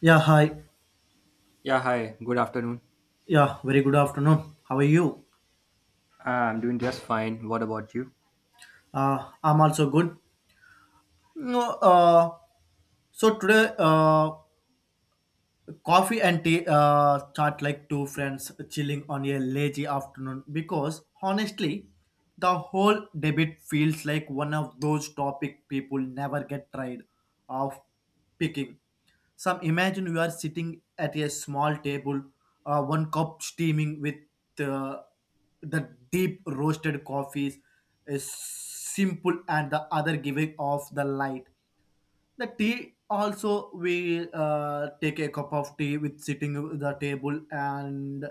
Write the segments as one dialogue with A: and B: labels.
A: Yeah, hi.
B: Yeah, hi. Good afternoon.
A: Yeah, very good afternoon. How are you?
B: I'm doing just fine. What about you?
A: I'm also good. No, So today coffee and tea chat like two friends chilling on a lazy afternoon because honestly, the whole debate feels like one of those topic people never get tired of picking. Some imagine you are sitting at a small table, one cup steaming with uh, the deep roasted coffees is simple and the other giving off the light the tea also we take a cup of tea with sitting at the table and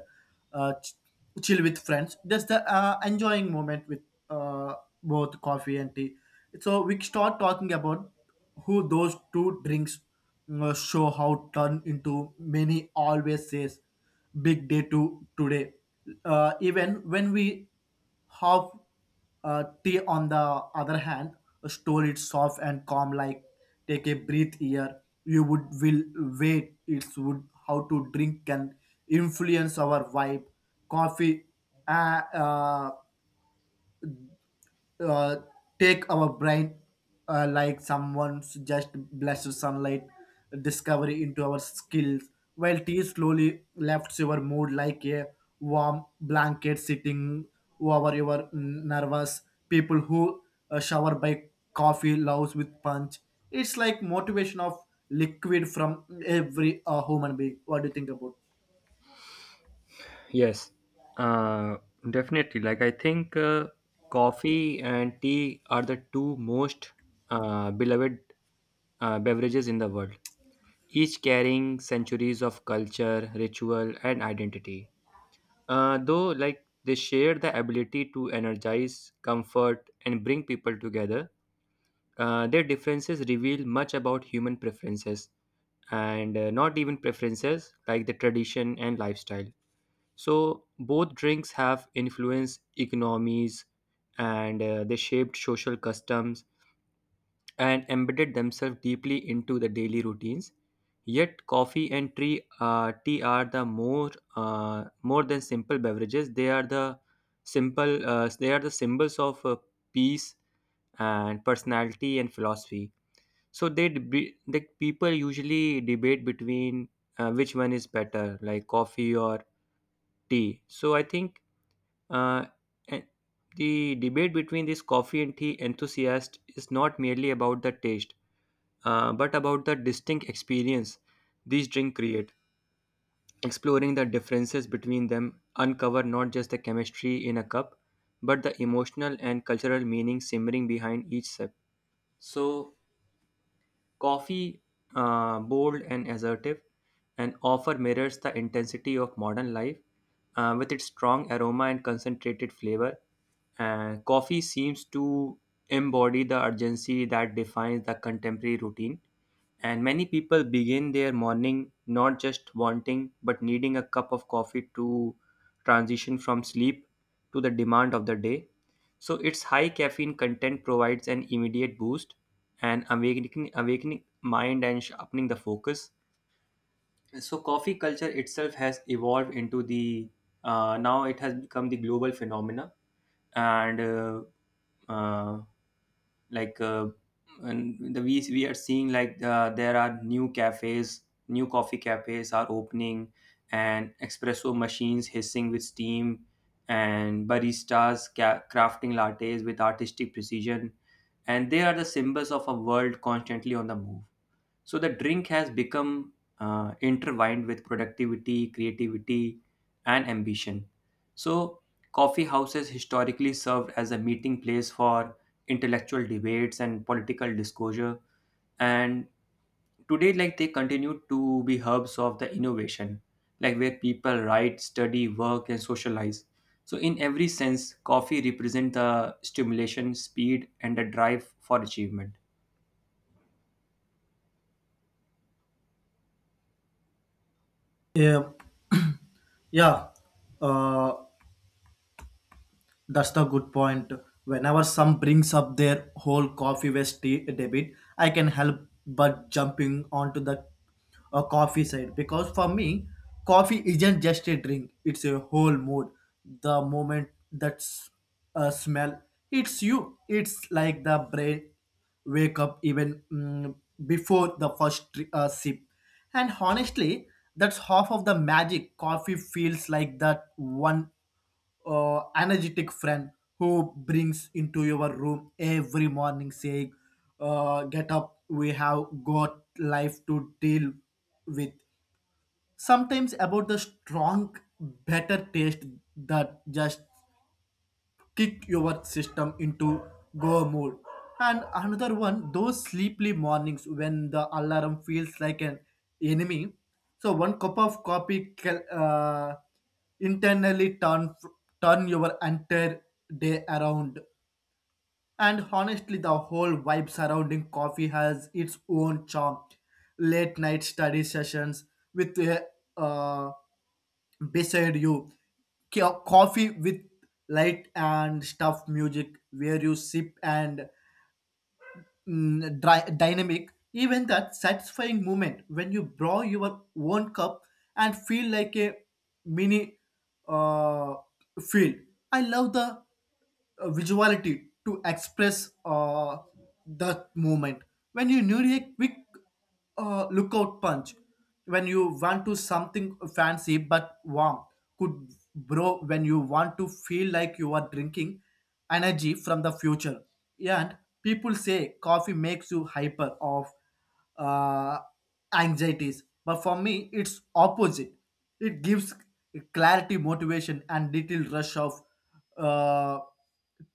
A: uh, ch- chill with friends just the enjoying moment with uh, both coffee and tea so we start talking about who those two drinks show how turn into many always says big day to today even when we have tea, on the other hand, store it soft and calm, like take a breath here. You would will wait. It's would how to drink can influence our vibe. Coffee uh, uh, uh, take our brain like someone's just blessed sunlight discovery into our skills while tea slowly lifts your mood like a warm blanket sitting over your nervous people who shower by coffee loves with punch it's like motivation of liquid from every human being what do you think about.
B: Yes. Uh, Definitely. Like I think coffee and tea are the two most beloved beverages in the world, each carrying centuries of culture, ritual, and identity. Though, like they share the ability to energize, comfort, and bring people together, their differences reveal much about human preferences and not even preferences like the tradition and lifestyle. So, both drinks have influenced economies and they shaped social customs and embedded themselves deeply into the daily routines. Yet, coffee and tea are the more than simple beverages. They are the simple. They are the symbols of peace and personality and philosophy, so the people usually debate between which one is better, like coffee or tea. So I think uh, eh, the debate between this coffee and tea enthusiast is not merely about the taste, but about the distinct experience these drinks create. Exploring the differences between them uncover not just the chemistry in a cup, but the emotional and cultural meaning simmering behind each sip. So coffee, bold and assertive, and offer mirrors the intensity of modern life, with its strong aroma and concentrated flavor. Coffee seems to embody the urgency that defines the contemporary routine, and many people begin their morning not just wanting but needing a cup of coffee to transition from sleep to the demand of the day. So, its high caffeine content provides an immediate boost and awakening mind and sharpening the focus. So coffee culture itself has evolved into the now it has become the global phenomena. And uh, like and the We are seeing like there are new cafes, new coffee cafes are opening, and espresso machines hissing with steam, and crafting lattes with artistic precision, and they are the symbols of a world constantly on the move. So the drink has become intertwined with productivity, creativity, and ambition. So coffee houses historically served as a meeting place for intellectual debates and political disclosure. And today, like they continue to be hubs of the innovation, like where people write, study, work, and socialize. So in every sense, coffee represents the stimulation, speed, and the drive for achievement.
A: Yeah, yeah, uh, that's the good point. Whenever some brings up their whole coffee waste debit, I can help but jumping onto the coffee side because for me, coffee isn't just a drink; it's a whole mood. The moment that's a smell it's you, it's like the brain wake up even before the first sip. And honestly, that's half of the magic. Coffee feels like that one energetic friend who brings into your room every morning saying, get up, we have got life to deal with. Sometimes about the strong, better taste that just kick your system into go mode. And another one, those sleepy mornings when the alarm feels like an enemy. So one cup of coffee can internally turn your entire day around. And honestly, the whole vibe surrounding coffee has its own charm. Late night study sessions with a uh, beside you coffee with light and stuff music where you sip and dry, dynamic even that satisfying moment when you draw your own cup and feel like a mini uh, feel I love the visuality to express that moment when you need a quick lookout punch when you want to something fancy but warm could bro when you want to feel like you are drinking energy from the future and people say coffee makes you hyper of uh, anxieties but for me it's opposite it gives clarity motivation and little rush of uh,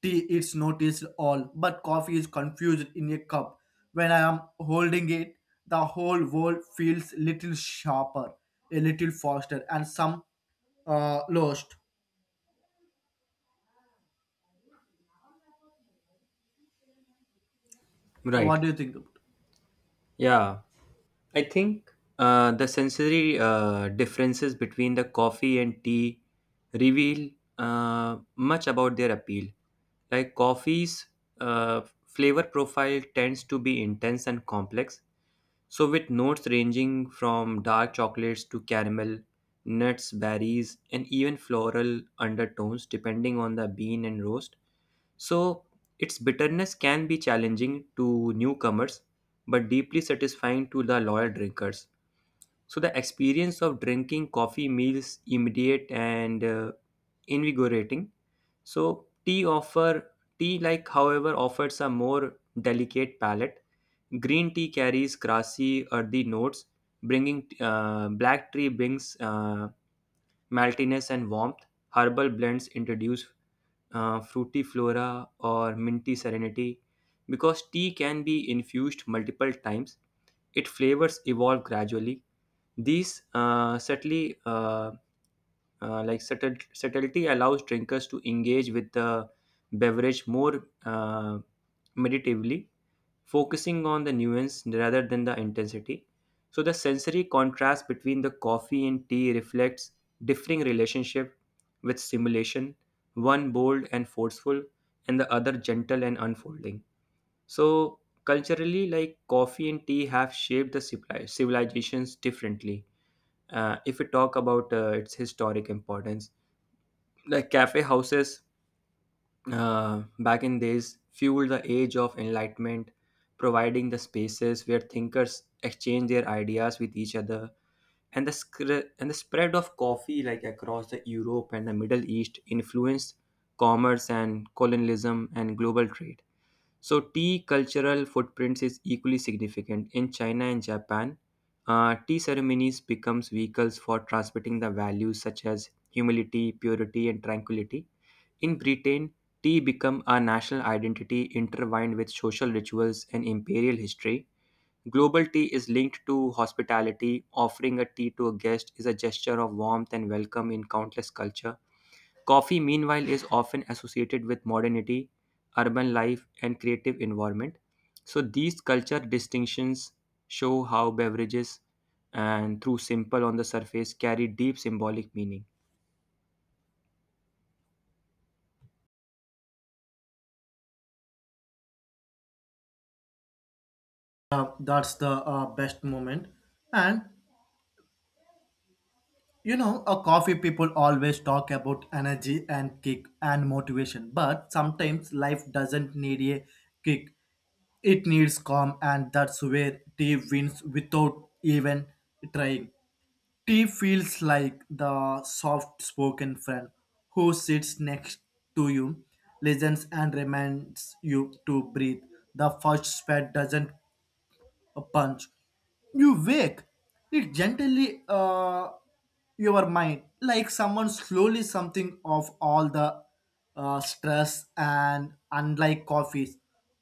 A: tea is noticed all, but coffee is confused in a cup. When I am holding it, the whole world feels little sharper, a little faster, and some lost. So, what
B: Right.
A: do you think about?
B: Yeah. I think the sensory differences between the coffee and tea reveal much about their appeal. Like coffee's flavor profile tends to be intense and complex, so with notes ranging from dark chocolates to caramel, nuts, berries, and even floral undertones, depending on the bean and roast. So, its bitterness can be challenging to newcomers but deeply satisfying to the loyal drinkers. So, the experience of drinking coffee meals immediate and invigorating. So, tea offer Tea, like however, offers a more delicate palate. Green tea carries grassy earthy notes, bringing black tea brings maltiness and warmth. Herbal blends introduce fruity flora or minty serenity, because tea can be infused multiple times its flavors evolve gradually. These subtlety allows drinkers to engage with the beverage more meditatively, focusing on the nuance rather than the intensity. So the sensory contrast between the coffee and tea reflects differing relationship with stimulation, one bold and forceful, and the other gentle and unfolding. So culturally, like coffee and tea have shaped the civilizations differently. If we talk about its historic importance, the cafe houses back in days fueled the age of enlightenment, providing the spaces where thinkers exchange their ideas with each other. And and the spread of coffee like across the Europe and the Middle East influenced commerce and colonialism and global trade. So, tea cultural footprints is equally significant. In China and Japan, tea ceremonies becomes vehicles for transmitting the values such as humility, purity, and tranquility. In Britain, tea become a national identity intertwined with social rituals and imperial history. Global tea is linked to hospitality. Offering a tea to a guest is a gesture of warmth and welcome in countless culture. Coffee, meanwhile, is often associated with modernity, urban life, and creative environment. So these culture distinctions show how beverages and through simple on the surface carry deep symbolic meaning.
A: That's the best moment, and you know, a coffee people always talk about energy and kick and motivation, but sometimes life doesn't need a kick. It needs calm, and that's where tea wins without even trying. Tea feels like the soft spoken friend who sits next to you, listens, and reminds you to breathe. The first sweat doesn't a punch. You wake. It gently your mind, like someone slowly something of all the stress and unlike coffees,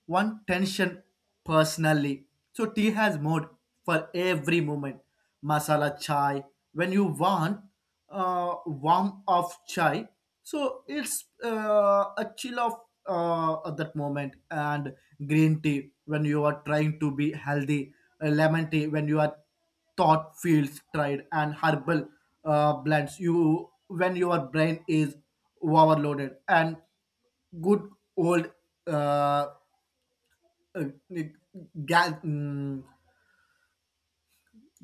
A: one tension personally. So tea has mood for every moment. Masala chai when you want warm of chai. So it's a chill of at that moment and green tea when you are trying to be healthy, lemon tea when you are thought feels tried and herbal blends you when your brain is overloaded and good old uh, uh, gas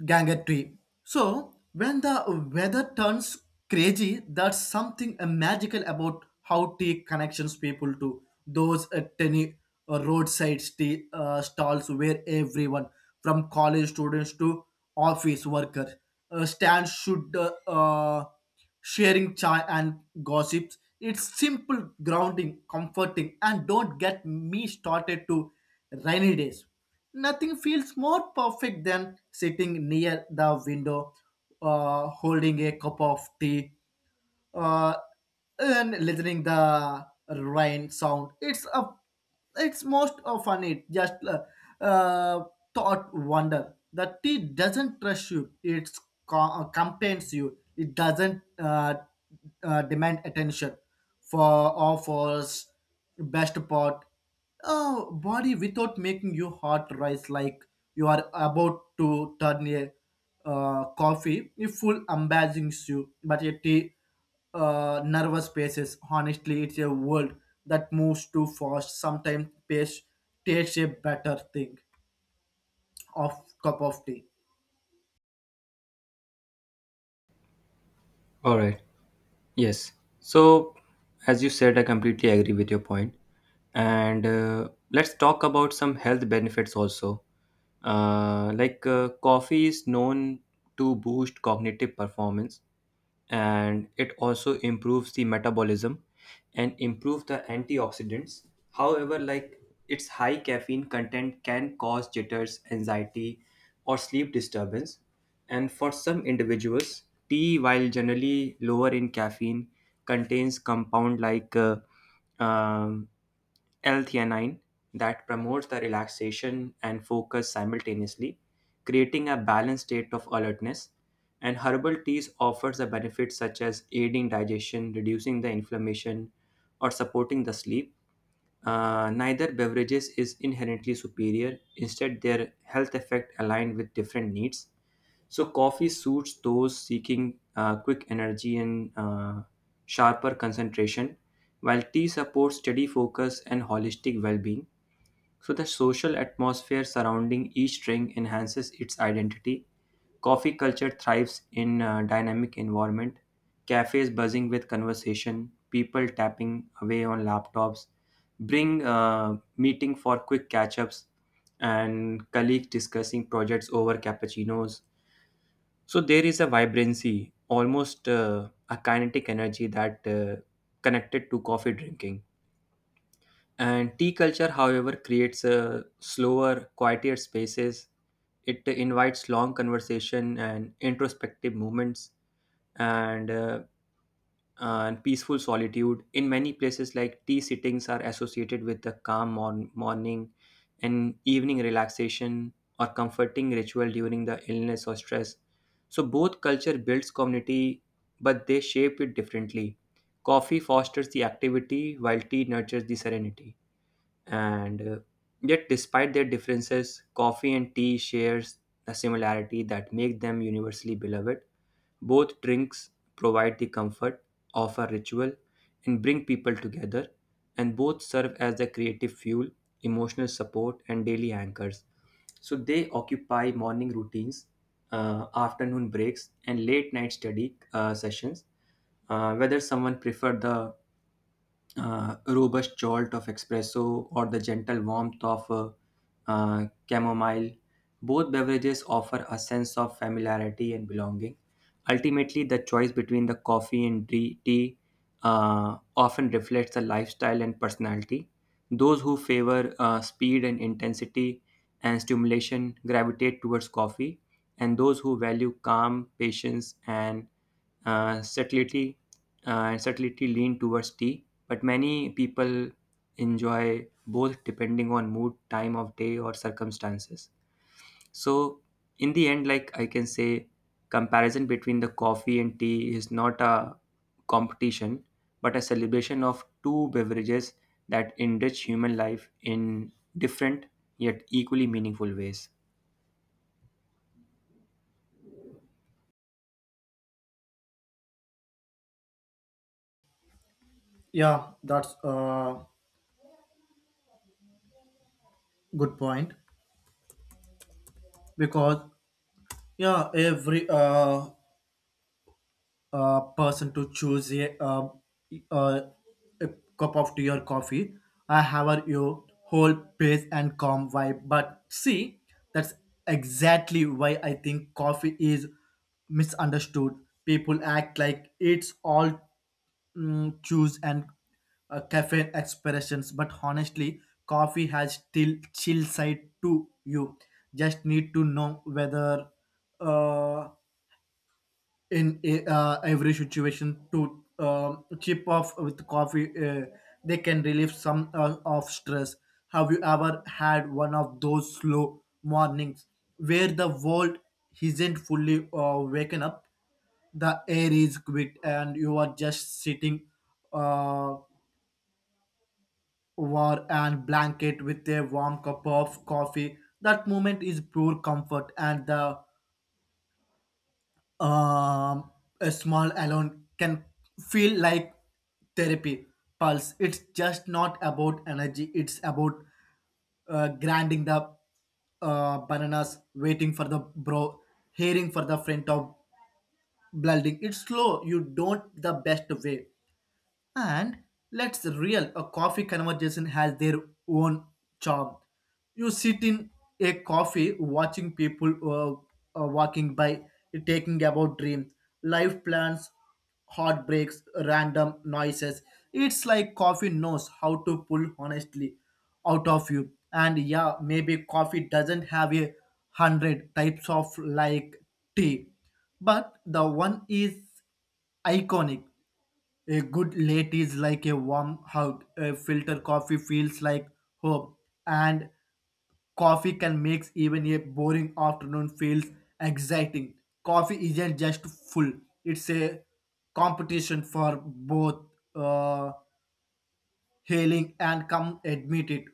A: gangotry. So when the weather turns crazy, that's something magical about how tea connections people to those tiny roadside tea stalls where everyone from college students to office workers stands should sharing chai and gossips. It's simple, grounding, comforting, and don't get me started to rainy days. Nothing feels more perfect than sitting near the window, holding a cup of tea uh, and listening the rain sound. It's a it's most often it just uh, thought wonder. The tea doesn't rush you. It complains you. It doesn't demand attention for offers best part oh body without making your heart rise like you are about to turn a coffee it full embarrassing you but a tea nervous paces. Honestly, it's a world that moves too fast. Sometimes pace tastes a better thing of cup of tea.
B: All right. Yes. So as you said, I completely agree with your point. And let's talk about some health benefits also. Coffee is known to boost cognitive performance, and it also improves the metabolism and improve the antioxidants. However, like its high caffeine content can cause jitters anxiety or sleep disturbance and for some individuals, tea, while generally lower in caffeine, contains compound like um, L-theanine that promotes the relaxation and focus simultaneously, creating a balanced state of alertness. And herbal teas offers the benefits such as aiding digestion, reducing the inflammation, or supporting the sleep. Neither beverages is inherently superior. Instead, their health effect aligned with different needs. So, coffee suits those seeking quick energy and sharper concentration, while tea supports steady focus and holistic well-being. So, the social atmosphere surrounding each drink enhances its identity. Coffee culture thrives in a dynamic environment, cafes buzzing with conversation, people tapping away on laptops, bring meeting for quick catch-ups, and colleagues discussing projects over cappuccinos. So there is a vibrancy, almost a kinetic energy that connected to coffee drinking. And tea culture, however, creates a slower, quieter spaces. It invites long conversation and introspective moments and, uh, and peaceful solitude. In many places, like tea sittings are associated with the calm morning and evening relaxation or comforting ritual during the illness or stress. So both culture builds community, but they shape it differently. Coffee fosters the activity, while tea nurtures the serenity, and yet despite their differences coffee and tea shares a similarity that make them universally beloved. Both drinks provide the comfort, offer ritual, and bring people together, and both serve as the creative fuel, emotional support, and daily anchors. So they occupy morning routines, afternoon breaks, and late night study sessions, whether someone prefer the robust jolt of espresso or the gentle warmth of chamomile. Both beverages offer a sense of familiarity and belonging. Ultimately, the choice between the coffee and tea, often reflects the lifestyle and personality. Those who favor speed and intensity and stimulation gravitate towards coffee, and those who value calm, patience, and uh, subtlety, subtlety lean towards tea. But many people enjoy both depending on mood, time of day, or circumstances. So in the end, like I can say, comparison between the coffee and tea is not a competition but a celebration of two beverages that enrich human life in different yet equally meaningful ways.
A: Yeah, that's a good point because yeah, every person to choose uh, a cup of tea or coffee. I have a you whole pace and calm vibe. But see, that's exactly why I think coffee is misunderstood. People act like it's all choose and caffeine expressions but honestly coffee has still chill side to you just need to know whether uh, in every situation to chip off with coffee they can relieve some of stress have you ever had one of those slow mornings where the world isn't fully waken up the air is quiet and you are just sitting uh, over and blanket with a warm cup of coffee that moment is pure comfort and the um, a small alone can feel like therapy pulse it's just not about energy it's about grinding the bananas waiting for the bro hearing for the friend of blooding it's slow you don't the best way and let's real a coffee conversation has their own charm. You sit in a coffee watching people walking by, taking about dreams, life plans, heartbreaks, random noises. It's like coffee knows how to pull honestly out of you. And yeah, maybe coffee doesn't have a hundred types of like tea, but the one is iconic a good late is like a warm hug. A filter coffee feels like home. And coffee can make even a boring afternoon feels exciting. Coffee isn't just full. It's a competition for both uh, hailing and come admit it.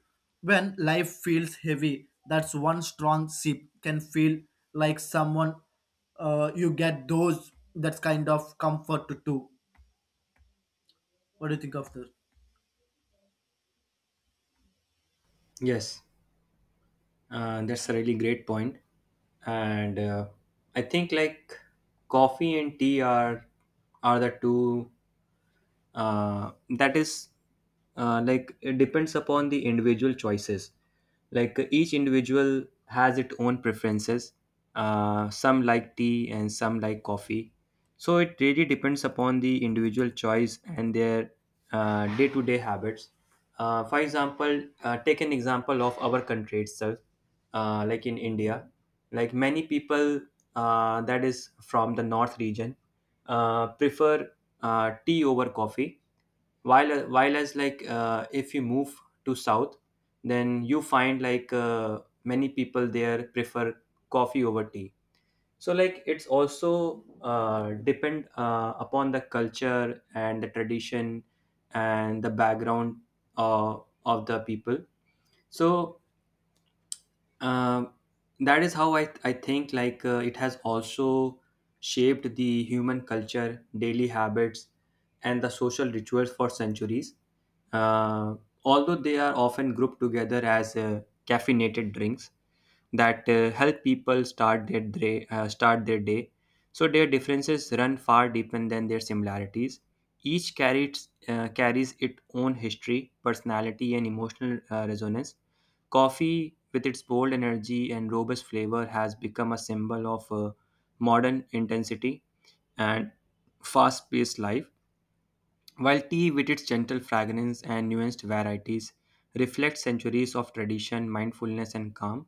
A: When life feels heavy, that's one strong sip can feel like someone you get those that kind of comfort too. What do you think of this?
B: Yes, that's a really great point. And I think like coffee and tea are the two that is like it depends upon the individual choices. Like each individual has its own preferences. Some like tea and some like coffee, so it really depends upon the individual choice and their day-to-day habits. For example, take an example of our country itself. Like in India, like many people, that is from the north region, prefer tea over coffee. While as like if you move to south, then you find like many people there prefer coffee over tea. So like it's also depend upon the culture and the tradition and the background of the people. So um, that is how I think like it has also shaped the human culture daily habits and the social rituals for centuries. uh, Although they are often grouped together as caffeinated drinks that help people start their day, so their differences run far deeper than their similarities. Each carries its own history personality and emotional resonance. Coffee, with its bold energy and robust flavor, has become a symbol of modern intensity and fast paced life, while tea, with its gentle fragrance and nuanced varieties, reflects centuries of tradition, mindfulness, and calm.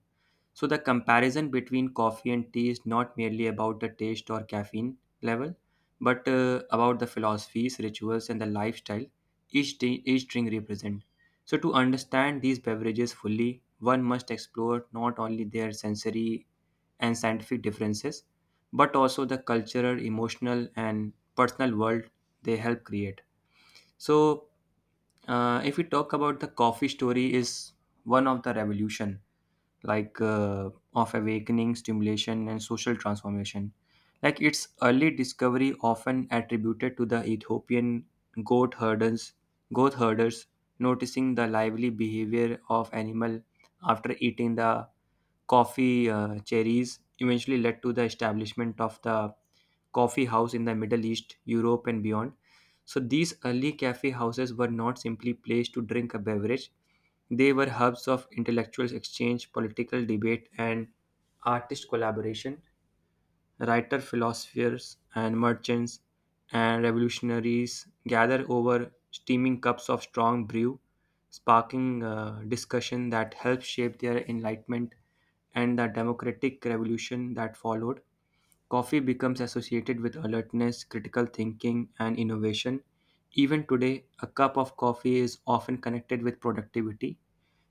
B: So the comparison between coffee and tea is not merely about the taste or caffeine level, but about the philosophies, rituals, and the lifestyle each drink represent. So to understand these beverages fully, one must explore not only their sensory and scientific differences, but also the cultural, emotional, and personal world they help create. So if we talk about the coffee story is one of the revolution, like of awakening, stimulation, and social transformation. Like its early discovery, often attributed to the Ethiopian goat herders, goat herders noticing the lively behavior of animal after eating the coffee cherries eventually led to the establishment of the coffee house in the Middle East, Europe, and beyond. So these early cafe houses were not simply places to drink a beverage, they were hubs of intellectual exchange, political debate, and artist collaboration. Writer, philosophers, and merchants and revolutionaries gather over steaming cups of strong brew, sparking discussion that helped shape their enlightenment and the democratic revolution that followed. Coffee becomes associated with alertness, critical thinking, and innovation. Even today, a cup of coffee is often connected with productivity,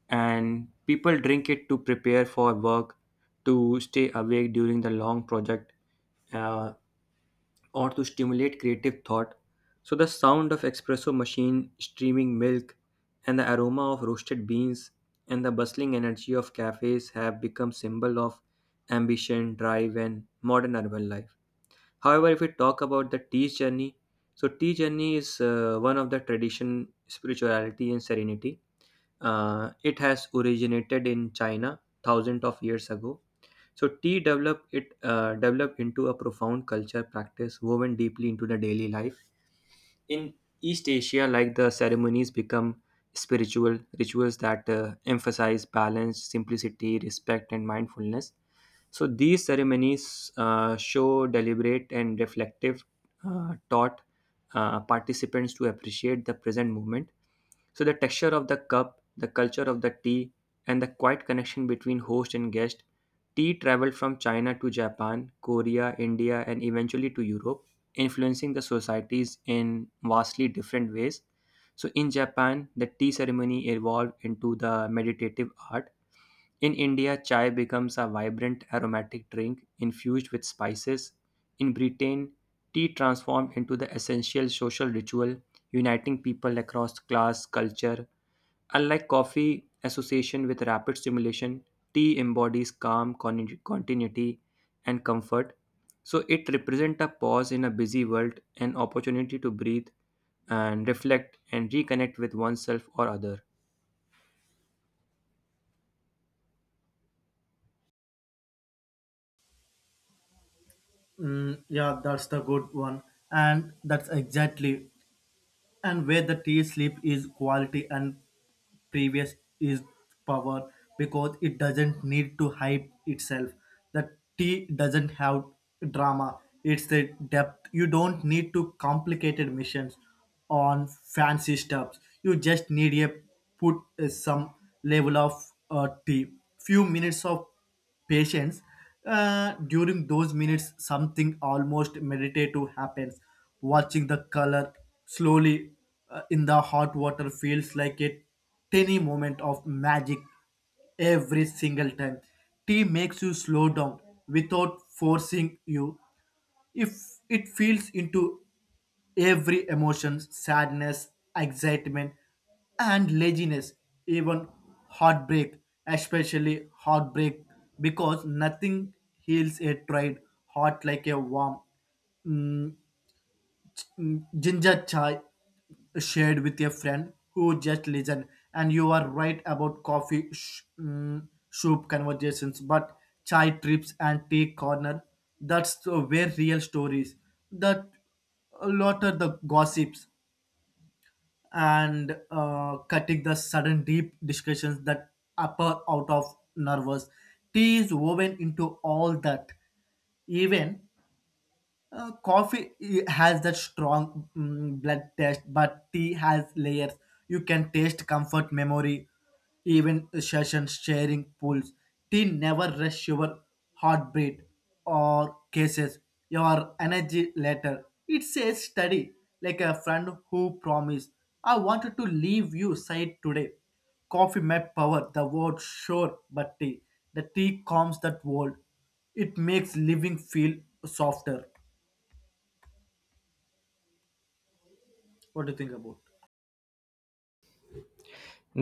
B: and people drink it to prepare for work, to stay awake during the long project, uh, or to stimulate creative thought. So the sound of espresso machine streaming milk and the aroma of roasted beans and the bustling energy of cafes have become symbol of ambition, drive and modern urban life. However, if we talk about the tea journey, so tea journey is one of the tradition, spirituality and serenity it has originated in China thousands of years ago. So tea developed into a profound culture practice woven deeply into the daily life. In East Asia, like the ceremonies become spiritual rituals that emphasize balance, simplicity, respect, and mindfulness. So these ceremonies show deliberate and reflective taught participants to appreciate the present moment so the texture of the cup, the culture of the tea, and the quiet connection between host and guest. Tea traveled from China to Japan, Korea, India, and eventually to Europe, influencing the societies in vastly different ways. So in Japan, the tea ceremony evolved into the meditative art in India, chai becomes a vibrant aromatic drink infused with spices. In Britain, tea transformed into the essential social ritual, uniting people across class, culture. Unlike coffee association with rapid stimulation, tea embodies calm, continuity, and comfort. So it represents a pause in a busy world, an opportunity to breathe and reflect and reconnect with oneself or other.
A: Yeah, that's the good one. And that's exactly. And where the tea sleep is quality and previous is power because it doesn't need to hype itself. The tea doesn't have drama. It's the depth. You don't need to complicated missions on fancy steps. You just need a put some level of tea. Few minutes of patience during those minutes something almost meditative happens watching the color slowly in the hot water feels like a tiny moment of magic every single time tea makes you slow down without forcing you if it feels into every emotion sadness excitement and laziness even heartbreak especially heartbreak because nothing heals a tried heart like a warm ginger chai shared with a friend who just listened, and you are right about coffee soup conversations but chai trips and tea corner that's the where real stories that a lot of the gossips and cutting the sudden deep discussions that appear out of nervous tea is woven into all that even coffee has that strong blood taste, but tea has layers. You can taste comfort, memory, even sessions, sharing pools. Tea never rush your heartbeat or cases, your energy later. It says study, like a friend who promised, I wanted to leave you side today. Coffee may power the world, sure, but tea. The tea calms that world. It makes living feel softer. What do you think about?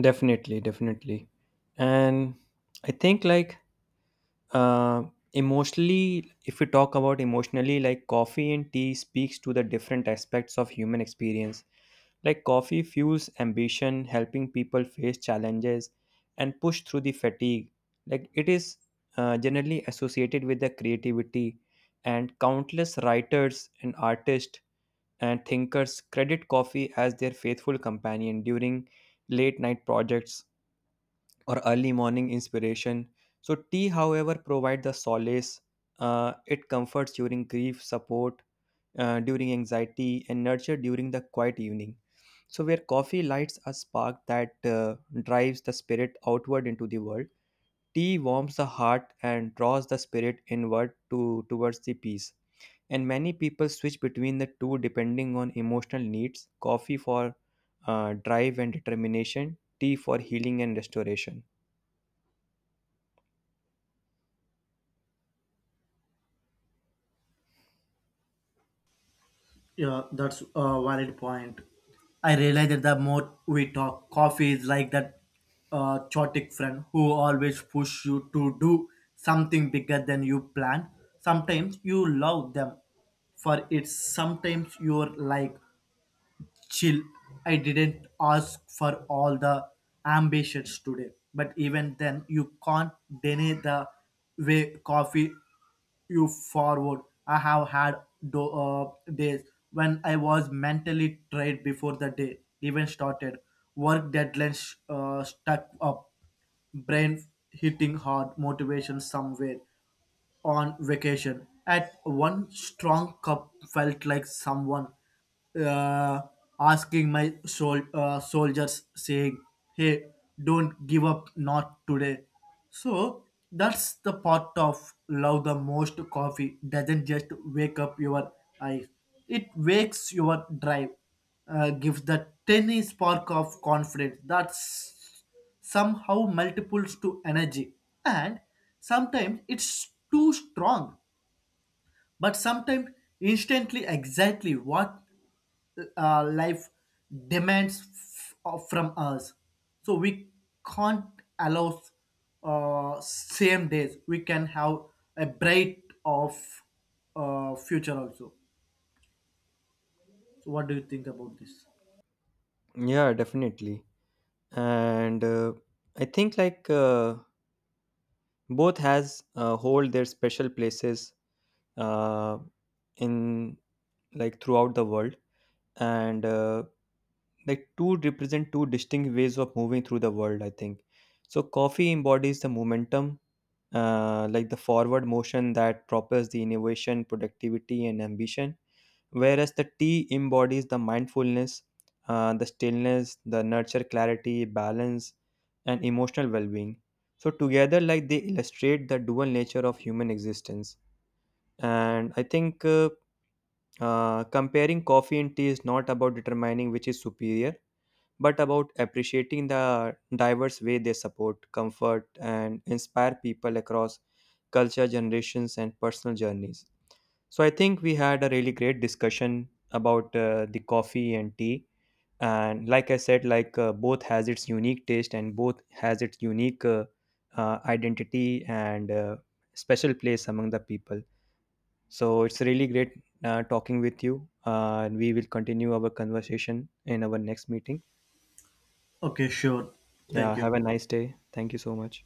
B: Definitely, definitely. And I think like uh, emotionally, if we talk about emotionally, like coffee and tea speaks to the different aspects of human experience. Like coffee fuels ambition, helping people face challenges and push through the fatigue. Like it is generally associated with the creativity and countless writers and artists and thinkers credit coffee as their faithful companion during late night projects or early morning inspiration. So, tea, however, provide the solace. It comforts during grief, support during anxiety, and nurture during the quiet evening. So, where coffee lights a spark that drives the spirit outward into the world, tea warms the heart and draws the spirit inward to towards the peace. And many people switch between the two depending on emotional needs. Coffee for drive and determination, tea for healing and restoration.
A: Yeah, that's a valid point. I realize that the more we talk, coffee is like that chaotic friend who always push you to do something bigger than you plan. Sometimes you love them for it. Sometimes you're like, chill. I didn't ask for all the ambitions today. But even then, you can't deny the way coffee you forward. I have had days when I was mentally tired before the day even started. Work deadlines stuck up, brain hitting hard, motivation somewhere on vacation. At one strong cup felt like someone uh, asking my soldiers, saying, "Hey, don't give up, not today." So that's the part of love the most. Coffee doesn't just wake up your eyes; it wakes your drive, gives the tiny spark of confidence. That's somehow multiples to energy and sometimes it's too strong but sometimes instantly exactly what life demands from us so we can't allow same days we can have a bright of future also so what do you think about this.
B: Yeah, definitely. And I think like both has hold their special places uh, in like throughout the world, and like two represent two distinct ways of moving through the world. I think so. Coffee embodies the momentum, like the forward motion that propels the innovation, productivity, and ambition whereas the tea embodies the mindfulness, the stillness, the nurture clarity, balance, and emotional well being. So, together, like they illustrate the dual nature of human existence. And I think comparing coffee and tea is not about determining which is superior, but about appreciating the diverse way they support, comfort, and inspire people across culture, generations, and personal journeys. So I think we had a really great discussion about the coffee and tea. And like I said, like both has its unique taste and both has its unique identity and special place among the people. So it's really great talking with you. And we will continue our conversation in our next meeting.
A: Okay, sure. Thank
B: Yeah,
A: you.
B: have a nice day. Thank you so much.